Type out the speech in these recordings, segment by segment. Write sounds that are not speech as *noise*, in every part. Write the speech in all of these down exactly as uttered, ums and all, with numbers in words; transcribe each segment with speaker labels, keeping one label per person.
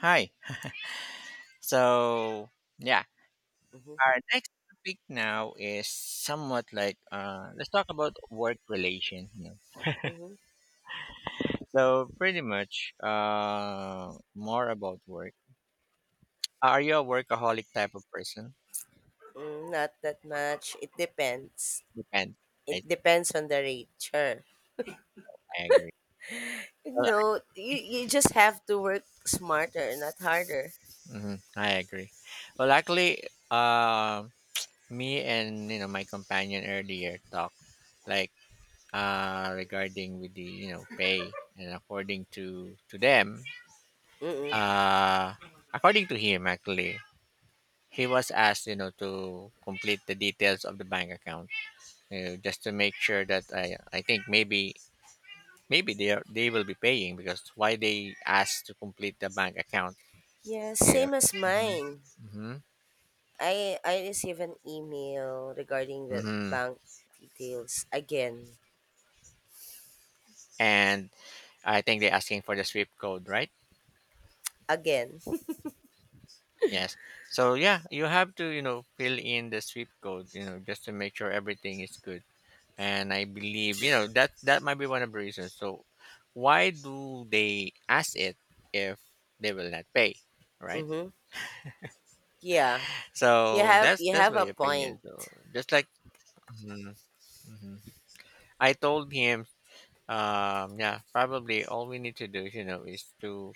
Speaker 1: Hi. So, yeah, our next topic now is somewhat like uh, let's talk about work relations. You know.
Speaker 2: Mhm.
Speaker 1: So, pretty much uh, more about work. Uh, Are you a workaholic type of person?
Speaker 2: Mm, not that much. It depends.
Speaker 1: Depends.
Speaker 2: It
Speaker 1: I,
Speaker 2: depends on the rate, sure.
Speaker 1: I agree.
Speaker 2: You
Speaker 1: Well,
Speaker 2: know, you, you just have to work smarter, not harder.
Speaker 1: hmm I agree. Well, actually, uh, me and you know my companion earlier talked like uh, regarding with the you know pay and according to to them.
Speaker 2: Mm-mm.
Speaker 1: Uh, According to him, actually, he was asked, you know, to complete the details of the bank account, uh, just to make sure that I, I think maybe, maybe they are, they will be paying because why they asked to complete the bank account
Speaker 2: Yeah,
Speaker 1: if.
Speaker 2: same as
Speaker 1: Mhm.
Speaker 2: mine.
Speaker 1: Mhm.
Speaker 2: I I receive an email regarding the
Speaker 1: Mhm.
Speaker 2: bank details again,
Speaker 1: And I think they're asking for the swift code, right?
Speaker 2: again. *laughs*
Speaker 1: Yes. So yeah, you have to, you know, fill in the swift code, you know, just to make sure everything is good. And I believe you know that that might be one of the reasons. So why do they ask it if they will not pay, right?
Speaker 2: Mm-hmm. Yeah, you
Speaker 1: So
Speaker 2: have
Speaker 1: that's
Speaker 2: you
Speaker 1: that's
Speaker 2: have
Speaker 1: my
Speaker 2: a
Speaker 1: opinion.
Speaker 2: point.
Speaker 1: So just like. Mhm, mhm. I told him, um, yeah, probably all we need to do, you know, is to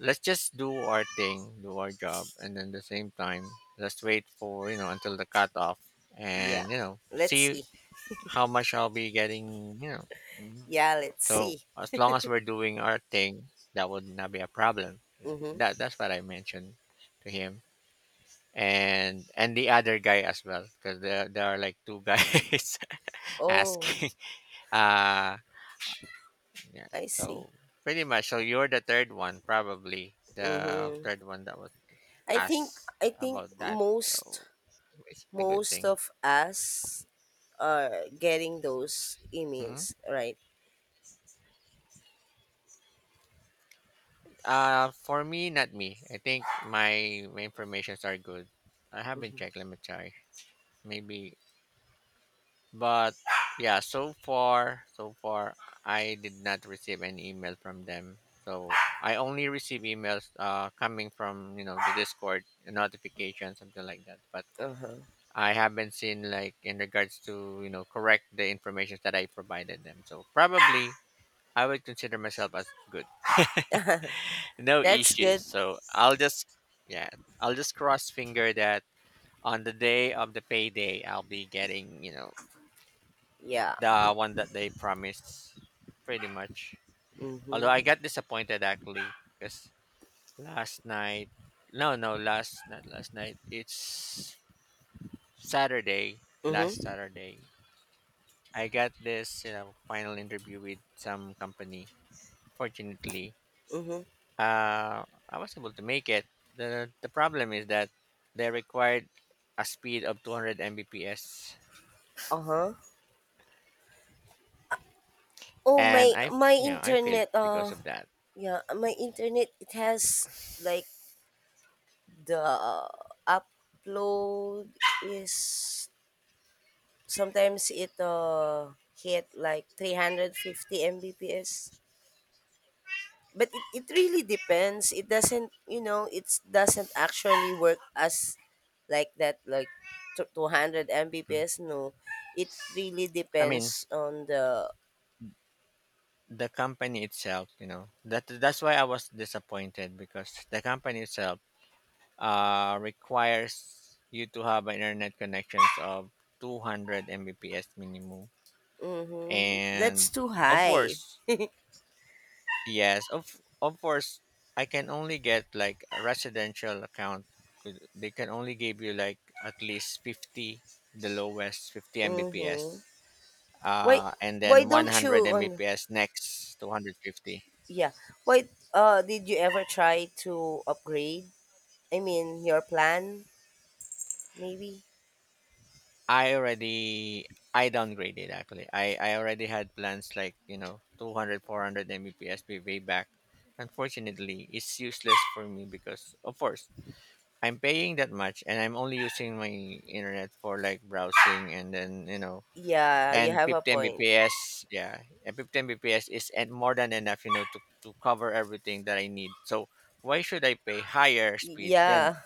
Speaker 1: let's just do our thing, do our job, and then the same time, let's wait for you know until the cutoff, and
Speaker 2: Yeah,
Speaker 1: you know
Speaker 2: let's
Speaker 1: see
Speaker 2: see.
Speaker 1: how much I'll be getting, you know. Mm-hmm.
Speaker 2: Yeah, let's
Speaker 1: So
Speaker 2: see.
Speaker 1: as long as we're doing our thing, that would not be a problem. Yeah. That
Speaker 2: Mm-hmm.
Speaker 1: that's what I mentioned to him and and the other guy as well because there there are like two guys *laughs*
Speaker 2: Oh,
Speaker 1: asking. Uh yeah.
Speaker 2: I see.
Speaker 1: So pretty much. So you're the third one, probably the
Speaker 2: Mm-hmm.
Speaker 1: third one that was
Speaker 2: I think
Speaker 1: asked
Speaker 2: I think
Speaker 1: about that.
Speaker 2: most
Speaker 1: So it's a good
Speaker 2: most
Speaker 1: thing.
Speaker 2: of us are getting those
Speaker 1: hmm
Speaker 2: emails, right?
Speaker 1: Uh, for me, not me. I think my, my informations are good. I haven't
Speaker 2: Mm-hmm.
Speaker 1: checked. Let me try. Maybe But yeah, so far, so far, I did not receive any email from them. So I only receive emails uh, coming from you know the Discord notification, something like that. But
Speaker 2: Uh huh.
Speaker 1: I haven't seen like in regards to you know correct the information that I provided them. So probably I would consider myself as good, no
Speaker 2: That's
Speaker 1: issues.
Speaker 2: good.
Speaker 1: So I'll just yeah, I'll just cross finger that on the day of the payday I'll be getting you know
Speaker 2: Yeah.
Speaker 1: the one that they promised, pretty much. Although I
Speaker 2: Mhm.
Speaker 1: got disappointed actually, because last night, no, no, last not last night. It's Saturday, last
Speaker 2: Mhm.
Speaker 1: Saturday. I got this, you know, final interview with some company. Fortunately,
Speaker 2: Mhm.
Speaker 1: uh, I was able to make it. the The problem is that they required a speed of two hundred Mbps,
Speaker 2: Uh huh. Oh, my
Speaker 1: and I, f-
Speaker 2: my
Speaker 1: you know, I failed
Speaker 2: internet.
Speaker 1: because
Speaker 2: Uh
Speaker 1: of that.
Speaker 2: yeah. My internet. It has, like, the uh, upload is sometimes it uh hit like three hundred fifty Mbps, but it, it really depends. It doesn't, you know it doesn't actually work as like that, like t- two hundred
Speaker 1: Mm.
Speaker 2: Mbps, no. It really
Speaker 1: I mean,
Speaker 2: depends on the.
Speaker 1: the company itself, you know that that's why I was disappointed because the company itself uh requires you to have an internet connections of two hundred mbps minimum.
Speaker 2: Mm-hmm.
Speaker 1: And
Speaker 2: That's too
Speaker 1: of
Speaker 2: high.
Speaker 1: course, yes, of of course I can only get like a residential account. Could- they can only give you like at least fifty, the lowest fifty mbps,
Speaker 2: Mm-hmm. why
Speaker 1: uh and then
Speaker 2: why don't you
Speaker 1: one hundred
Speaker 2: on,
Speaker 1: mbps, next two hundred fifty.
Speaker 2: yeah, why uh did you ever try to upgrade, I mean, your plan, maybe?
Speaker 1: I already I downgraded actually. I I already had plans like, you know, two hundred four hundred four hundred Mbps way back. Unfortunately, it's useless for me because of course, I'm paying that much and I'm only using my internet for like browsing and then, you know,
Speaker 2: Yeah, you
Speaker 1: and
Speaker 2: have a
Speaker 1: fifty
Speaker 2: point.
Speaker 1: Mbps, yeah. And fifty Mbps is and more than enough, you know, to to cover everything that I need. So, why should I pay higher
Speaker 2: Y-
Speaker 1: speed then?
Speaker 2: yeah,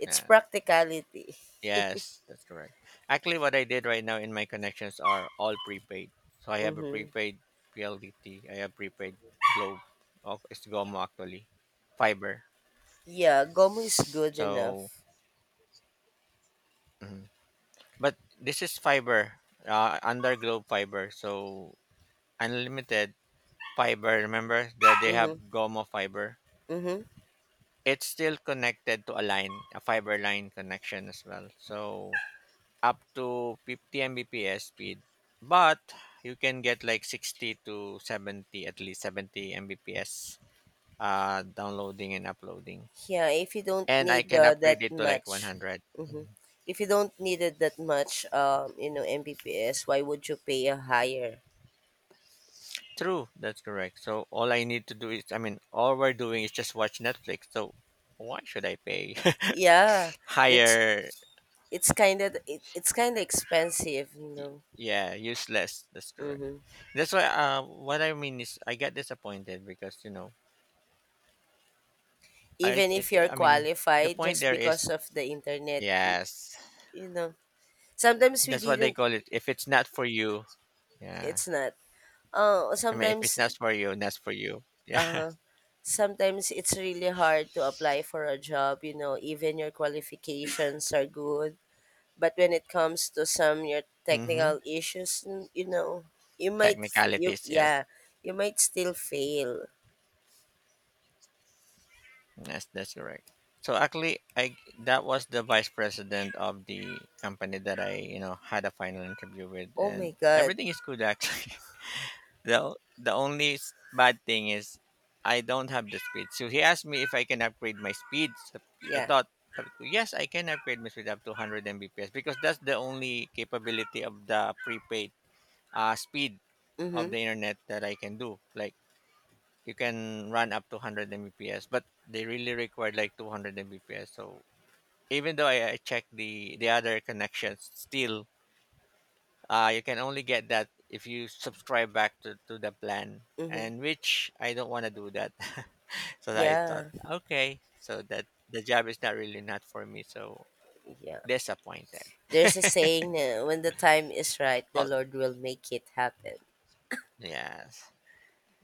Speaker 2: it's
Speaker 1: Uh,
Speaker 2: practicality.
Speaker 1: Yes, that's correct. Actually, what I did right now in my connections are all prepaid. So I have a
Speaker 2: Mm-hmm.
Speaker 1: prepaid P L D T. I have prepaid Globe. Of, it's Gomo actually, fiber.
Speaker 2: Yeah, Gomu is good
Speaker 1: So,
Speaker 2: enough.
Speaker 1: mhm. But this is fiber, uh, under Globe fiber. So unlimited fiber. Remember that they have
Speaker 2: Mm-hmm.
Speaker 1: Gomo fiber.
Speaker 2: Mm-hmm.
Speaker 1: It's still connected to a line, a fiber line connection as well. So up to fifty Mbps speed, but you can get like sixty to seventy, at least seventy Mbps uh, downloading and uploading.
Speaker 2: Yeah, if you don't
Speaker 1: And I
Speaker 2: need
Speaker 1: can
Speaker 2: uh,
Speaker 1: upgrade
Speaker 2: that
Speaker 1: it to like
Speaker 2: much,
Speaker 1: one hundred.
Speaker 2: mm-hmm, if you don't need it that much, um, you know, Mbps, why would you pay a higher?
Speaker 1: True, that's correct. So all I need to do is, I mean, all we're doing is just watch Netflix. So why should I pay
Speaker 2: Yeah,
Speaker 1: *laughs*
Speaker 2: that's
Speaker 1: higher?
Speaker 2: it's kind of it, it's kind of expensive, you know.
Speaker 1: Yeah, useless. That's correct.
Speaker 2: Mm-hmm.
Speaker 1: That's why. Uh, what I mean is, I get disappointed because you know, I
Speaker 2: Even if
Speaker 1: it.
Speaker 2: you're
Speaker 1: I mean, the
Speaker 2: qualified,
Speaker 1: point
Speaker 2: just
Speaker 1: there is
Speaker 2: because of the internet, y-
Speaker 1: yes.
Speaker 2: you know. Sometimes we
Speaker 1: That's what they
Speaker 2: didn't.
Speaker 1: call it. If it's not for you, yeah.
Speaker 2: It's not. Uh,
Speaker 1: I mean, if it's
Speaker 2: sometimes.
Speaker 1: not for you, that's for you. Yeah.
Speaker 2: Uh,
Speaker 1: *laughs*
Speaker 2: Sometimes it's really hard to apply for a job, you know, even your qualifications are good. But when it comes to some your
Speaker 1: Mm-hmm.
Speaker 2: technical issues, n- you know, you might f- you
Speaker 1: Technicalities,
Speaker 2: yeah,
Speaker 1: yes.
Speaker 2: you might still fail.
Speaker 1: Yes, that's correct. So actually, I that was the vice president of the company that I, you know, had a final interview with,
Speaker 2: Oh my
Speaker 1: and
Speaker 2: god.
Speaker 1: everything is good actually. *laughs* the The only s- bad thing is I don't have the speed. So he asked me if I can upgrade my speed. So I
Speaker 2: Yeah.
Speaker 1: thought, uh, yes, I can upgrade my speed up to one hundred Mbps because that's the only capability of the prepaid uh, speed of
Speaker 2: Mhm.
Speaker 1: the internet that I can do. Like you can run up to one hundred Mbps, but they really require like two hundred Mbps. So even though I, I check the the other connections, still uh, you can only get that if you subscribe back to, to the plan.
Speaker 2: Mhm.
Speaker 1: And which I don't want to do that. *laughs* So I thought,
Speaker 2: Yeah.
Speaker 1: okay, so that the job is not really not for me. So
Speaker 2: Yeah.
Speaker 1: disappointed.
Speaker 2: There's a saying uh, when the time is right, the
Speaker 1: Oh
Speaker 2: Lord will make it happen.
Speaker 1: yes,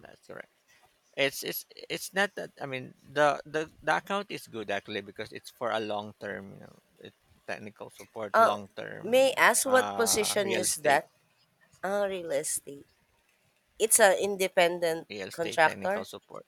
Speaker 1: that's correct. It's it's it's not that, I mean the the the account is good actually because it's for a long term, you know, it, technical support,
Speaker 2: Uh,
Speaker 1: long
Speaker 2: may
Speaker 1: term,
Speaker 2: I ask what
Speaker 1: uh
Speaker 2: position
Speaker 1: real
Speaker 2: is
Speaker 1: estate
Speaker 2: that? Ah, real estate. It's an independent
Speaker 1: real estate technical
Speaker 2: contractor?
Speaker 1: support.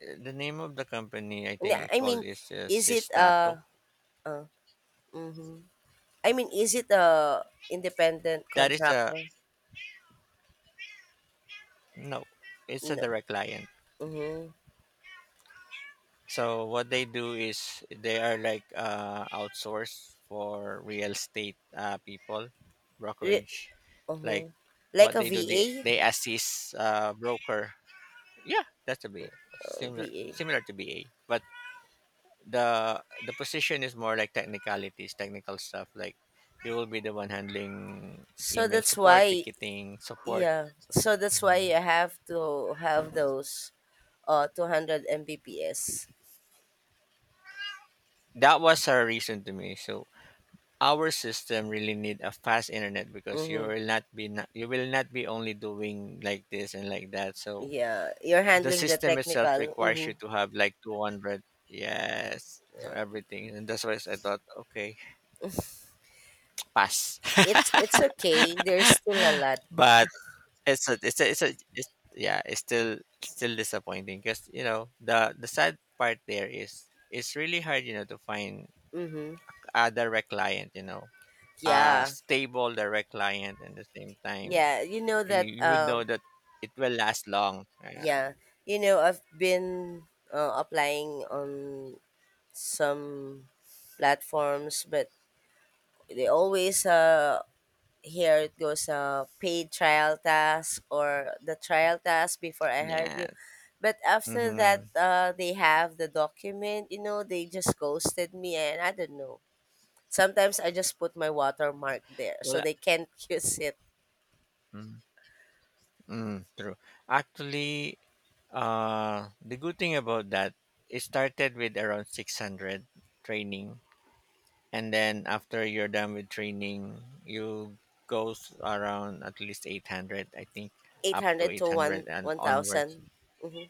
Speaker 1: Uh, The name of the company I think
Speaker 2: Na-
Speaker 1: it
Speaker 2: I mean,
Speaker 1: called is uh,
Speaker 2: is it
Speaker 1: Sistato.
Speaker 2: a uh, mhm. I mean, is it a independent
Speaker 1: That is a
Speaker 2: contractor?
Speaker 1: no, it's a
Speaker 2: No.
Speaker 1: direct client.
Speaker 2: Mhm.
Speaker 1: So what they do is they are like, uh, outsourced for real estate, uh, people,
Speaker 2: Re-
Speaker 1: brokerage. Like
Speaker 2: Mhm. Like
Speaker 1: what
Speaker 2: a
Speaker 1: they do, they
Speaker 2: V A?
Speaker 1: they assist, uh, broker. Yeah, that's to be
Speaker 2: Uh,
Speaker 1: similar
Speaker 2: V A.
Speaker 1: similar to B A, but the the position is more like technicalities, technical stuff. Like you will be the one handling
Speaker 2: So
Speaker 1: email
Speaker 2: that's
Speaker 1: support,
Speaker 2: why,
Speaker 1: ticketing support.
Speaker 2: yeah. So that's why
Speaker 1: Mhm.
Speaker 2: you have to have those uh two hundred Mbps.
Speaker 1: That was her reason to me. So our system really need a fast internet because you
Speaker 2: Mhm.
Speaker 1: will not be not, you will not be only doing like this and like that. So
Speaker 2: Yeah, you're
Speaker 1: the
Speaker 2: handling the
Speaker 1: system itself
Speaker 2: technical.
Speaker 1: requires you
Speaker 2: Mhm.
Speaker 1: to have like two hundred, yes. So everything, and that's why I thought, okay, pass.
Speaker 2: It's it's okay. There's still a lot.
Speaker 1: *laughs* But it's a it's a, it's a it's, yeah, it's still still disappointing because you know the the sad part there is it's really hard, you know to find
Speaker 2: Mhm.
Speaker 1: a direct client, you know a
Speaker 2: Yeah.
Speaker 1: stable direct client, and at the same time
Speaker 2: Yeah, you know
Speaker 1: You,
Speaker 2: that
Speaker 1: you would know
Speaker 2: um
Speaker 1: that it will last long. Uh,
Speaker 2: Yeah, you know, I've been uh, applying on some platforms, but they always uh here it goes, uh paid trial task or the trial task before I hired you.
Speaker 1: yes.
Speaker 2: But after
Speaker 1: Mm-hmm.
Speaker 2: that, uh, they have the document. You know, they just ghosted me, and I don't know. Sometimes I just put my watermark there, so
Speaker 1: Well,
Speaker 2: they can't *laughs* use it.
Speaker 1: uh, mm, mm, true. Actually, uh, the good thing about that, it started with around six hundred training. And then after you're done with training, you goes around at least eight hundred, I think,
Speaker 2: Eight
Speaker 1: up to
Speaker 2: hundred to
Speaker 1: eight hundred
Speaker 2: one
Speaker 1: and
Speaker 2: one
Speaker 1: onwards.
Speaker 2: thousand. Mm-hmm.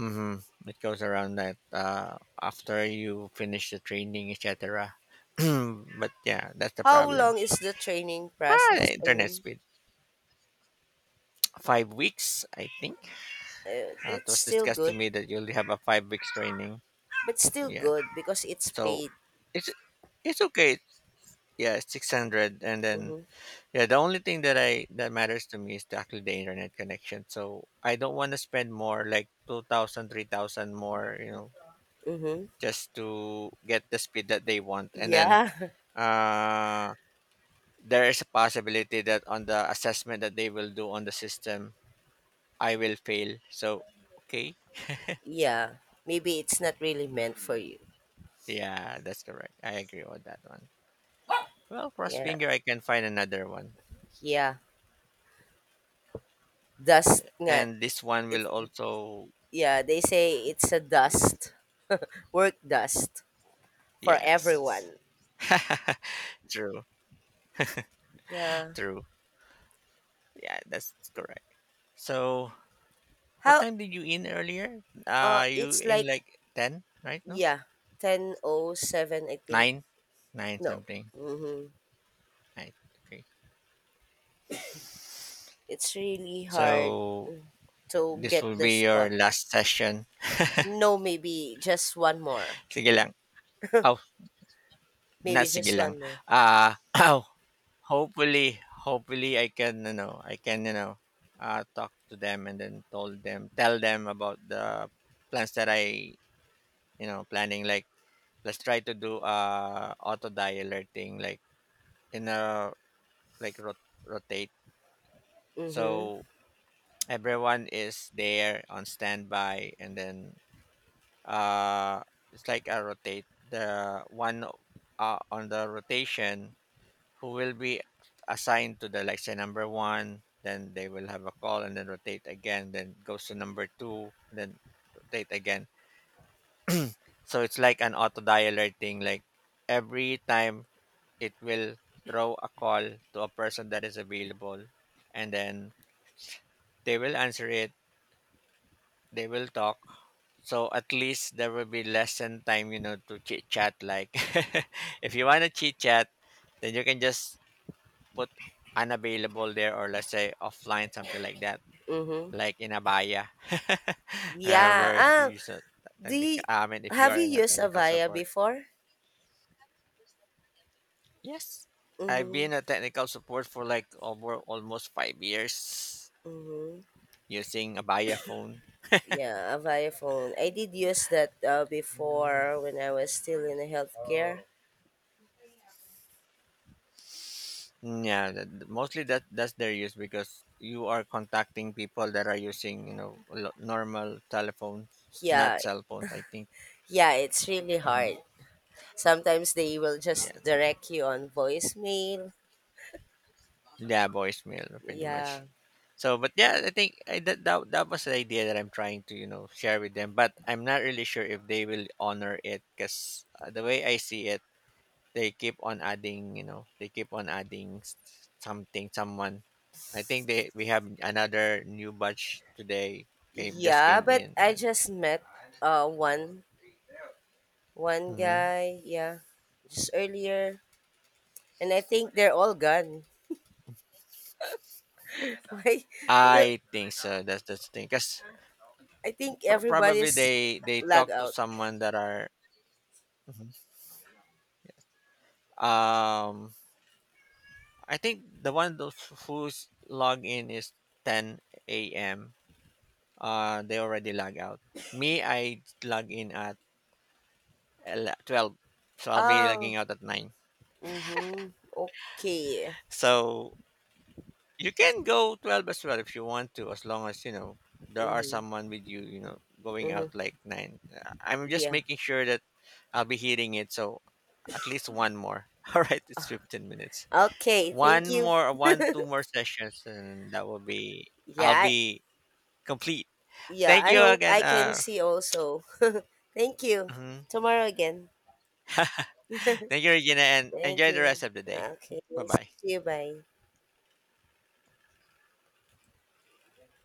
Speaker 1: Mm-hmm. It goes around that, uh, after you finish the training, et cetera *clears throat* But yeah, that's the
Speaker 2: How
Speaker 1: problem.
Speaker 2: long is the training process?
Speaker 1: Ah,
Speaker 2: I
Speaker 1: internet
Speaker 2: mean.
Speaker 1: speed. Five weeks, I think.
Speaker 2: Uh,
Speaker 1: Uh, it
Speaker 2: that's
Speaker 1: was
Speaker 2: still
Speaker 1: discussed to
Speaker 2: good,
Speaker 1: me that you only have a five weeks training.
Speaker 2: but still
Speaker 1: Yeah.
Speaker 2: good because it's
Speaker 1: So
Speaker 2: paid.
Speaker 1: it's it's okay. Yeah, six hundred, and then
Speaker 2: Mm-hmm.
Speaker 1: yeah, the only thing that I that matters to me is the- actually the internet connection. So I don't want to spend more, like two thousand, three thousand more, you know,
Speaker 2: Mm-hmm.
Speaker 1: just to get the speed that they want. And then,
Speaker 2: Yeah. *laughs*
Speaker 1: uh, there is a possibility that on the assessment that they will do on the system, I will fail. So okay,
Speaker 2: Yeah, maybe it's not really meant for you.
Speaker 1: yeah, that's correct. I agree with that one. Well, cross
Speaker 2: Yeah,
Speaker 1: finger, I can find another one.
Speaker 2: yeah. Dust nga.
Speaker 1: And this one
Speaker 2: It,
Speaker 1: will also,
Speaker 2: yeah, they say it's a
Speaker 1: y-
Speaker 2: dust, *laughs* work dust for
Speaker 1: yes.
Speaker 2: everyone.
Speaker 1: *laughs* True,
Speaker 2: Yeah.
Speaker 1: true. Yeah, that's correct. So, what
Speaker 2: How,
Speaker 1: time did you in earlier?
Speaker 2: uh,
Speaker 1: Uh, you
Speaker 2: it's
Speaker 1: in
Speaker 2: like,
Speaker 1: like ten, right? No?
Speaker 2: yeah, ten oh seven, I think.
Speaker 1: nine? nine
Speaker 2: No.
Speaker 1: something.
Speaker 2: Mm-hmm.
Speaker 1: Right. Okay.
Speaker 2: It's really hard
Speaker 1: So,
Speaker 2: to
Speaker 1: this will
Speaker 2: get
Speaker 1: be
Speaker 2: this
Speaker 1: your
Speaker 2: quota.
Speaker 1: last session.
Speaker 2: No, maybe just one more.
Speaker 1: Sige lang. Oh, not
Speaker 2: Maybe
Speaker 1: sige
Speaker 2: just
Speaker 1: lang.
Speaker 2: one more.
Speaker 1: Uh, *laughs* *clears throat* hopefully hopefully I can you know I can you know uh talk to them and then told them tell them about the plans that I, you know planning, like let's try to do uh auto dialer thing, like in a like, rot- rotate.
Speaker 2: Mm-hmm.
Speaker 1: So everyone is there on standby, and then uh it's like a rotate the one, uh, on the rotation, who will be assigned to the, like, say number one, then they will have a call and then rotate again, then goes to number two, then rotate again. So it's like an auto dialer thing, like every time it will throw a call to a person that is available, and then they will answer it, they will talk, so at least there will be lesson time, you know to chit chat, like *laughs* if you want to chit chat, then you can just put unavailable there, or let's say offline, something like that,
Speaker 2: Mm-hmm.
Speaker 1: like in Abaya. *laughs*
Speaker 2: Yeah.
Speaker 1: Remember if
Speaker 2: Ah,
Speaker 1: you use a
Speaker 2: do
Speaker 1: technical,
Speaker 2: you,
Speaker 1: I mean, if you
Speaker 2: have
Speaker 1: are
Speaker 2: you
Speaker 1: in a
Speaker 2: used
Speaker 1: technical
Speaker 2: Avaya
Speaker 1: support.
Speaker 2: before?
Speaker 1: Yes. I've
Speaker 2: Mm-hmm.
Speaker 1: been a technical support for like over almost five years
Speaker 2: Mm-hmm.
Speaker 1: using Abaya phone.
Speaker 2: Yeah, Avaya phone. I did use that uh, before when I was still in the healthcare.
Speaker 1: Mm, Yeah, th- th- mostly that that's their use because you are contacting people that are using, you know lo- normal telephones, not
Speaker 2: Yeah.
Speaker 1: cell phones. I think.
Speaker 2: Yeah, it's really
Speaker 1: hmm
Speaker 2: hard. Sometimes they will just
Speaker 1: Yes.
Speaker 2: direct you on voicemail.
Speaker 1: Yeah, voicemail pretty much.
Speaker 2: Yeah.
Speaker 1: So, but yeah, I think I, that, that that was the idea that I'm trying to, you know share with them. But I'm not really sure if they will honor it because, uh, the way I see it, they keep on adding, you know they keep on adding s- something, someone. I think they we have another new batch today, came just
Speaker 2: Yeah,
Speaker 1: came
Speaker 2: but
Speaker 1: in,
Speaker 2: I
Speaker 1: and.
Speaker 2: just met uh one one
Speaker 1: Mhm.
Speaker 2: guy, yeah, just earlier. And I think they're all gone. *laughs* Why? But
Speaker 1: I think so. That's that's the thing because
Speaker 2: I think
Speaker 1: pr- probably
Speaker 2: everybody's
Speaker 1: they they
Speaker 2: lag
Speaker 1: talk to
Speaker 2: out.
Speaker 1: someone that are. Mhm. um I think the one those whose log in is ten a m. Uh, they already log out. Me, I log in at ele- twelve, so I'll be logging
Speaker 2: Oh,
Speaker 1: out at nine.
Speaker 2: mm-hmm. Okay.
Speaker 1: So you can go twelve as well if you want to, as long as you know there are
Speaker 2: Mm-hmm.
Speaker 1: someone with you. You know, going out
Speaker 2: Mm-hmm.
Speaker 1: like nine. Uh, I'm just
Speaker 2: Yeah.
Speaker 1: making sure that I'll be hitting it. So at least one more. *laughs* All right, it's fifteen minutes.
Speaker 2: Okay. Thank
Speaker 1: One
Speaker 2: you.
Speaker 1: more, one two more sessions, and that will be.
Speaker 2: Yeah.
Speaker 1: I'll
Speaker 2: I,
Speaker 1: be complete.
Speaker 2: yeah.
Speaker 1: Thank
Speaker 2: I
Speaker 1: you
Speaker 2: hope
Speaker 1: again.
Speaker 2: I can
Speaker 1: Uh,
Speaker 2: see also. *laughs* Thank you.
Speaker 1: mhm.
Speaker 2: Tomorrow again.
Speaker 1: *laughs*
Speaker 2: *laughs*
Speaker 1: Thank you, Regina, and
Speaker 2: Thank
Speaker 1: enjoy the
Speaker 2: you.
Speaker 1: rest of the day.
Speaker 2: Okay.
Speaker 1: Bye
Speaker 2: See
Speaker 1: bye.
Speaker 2: you. Bye.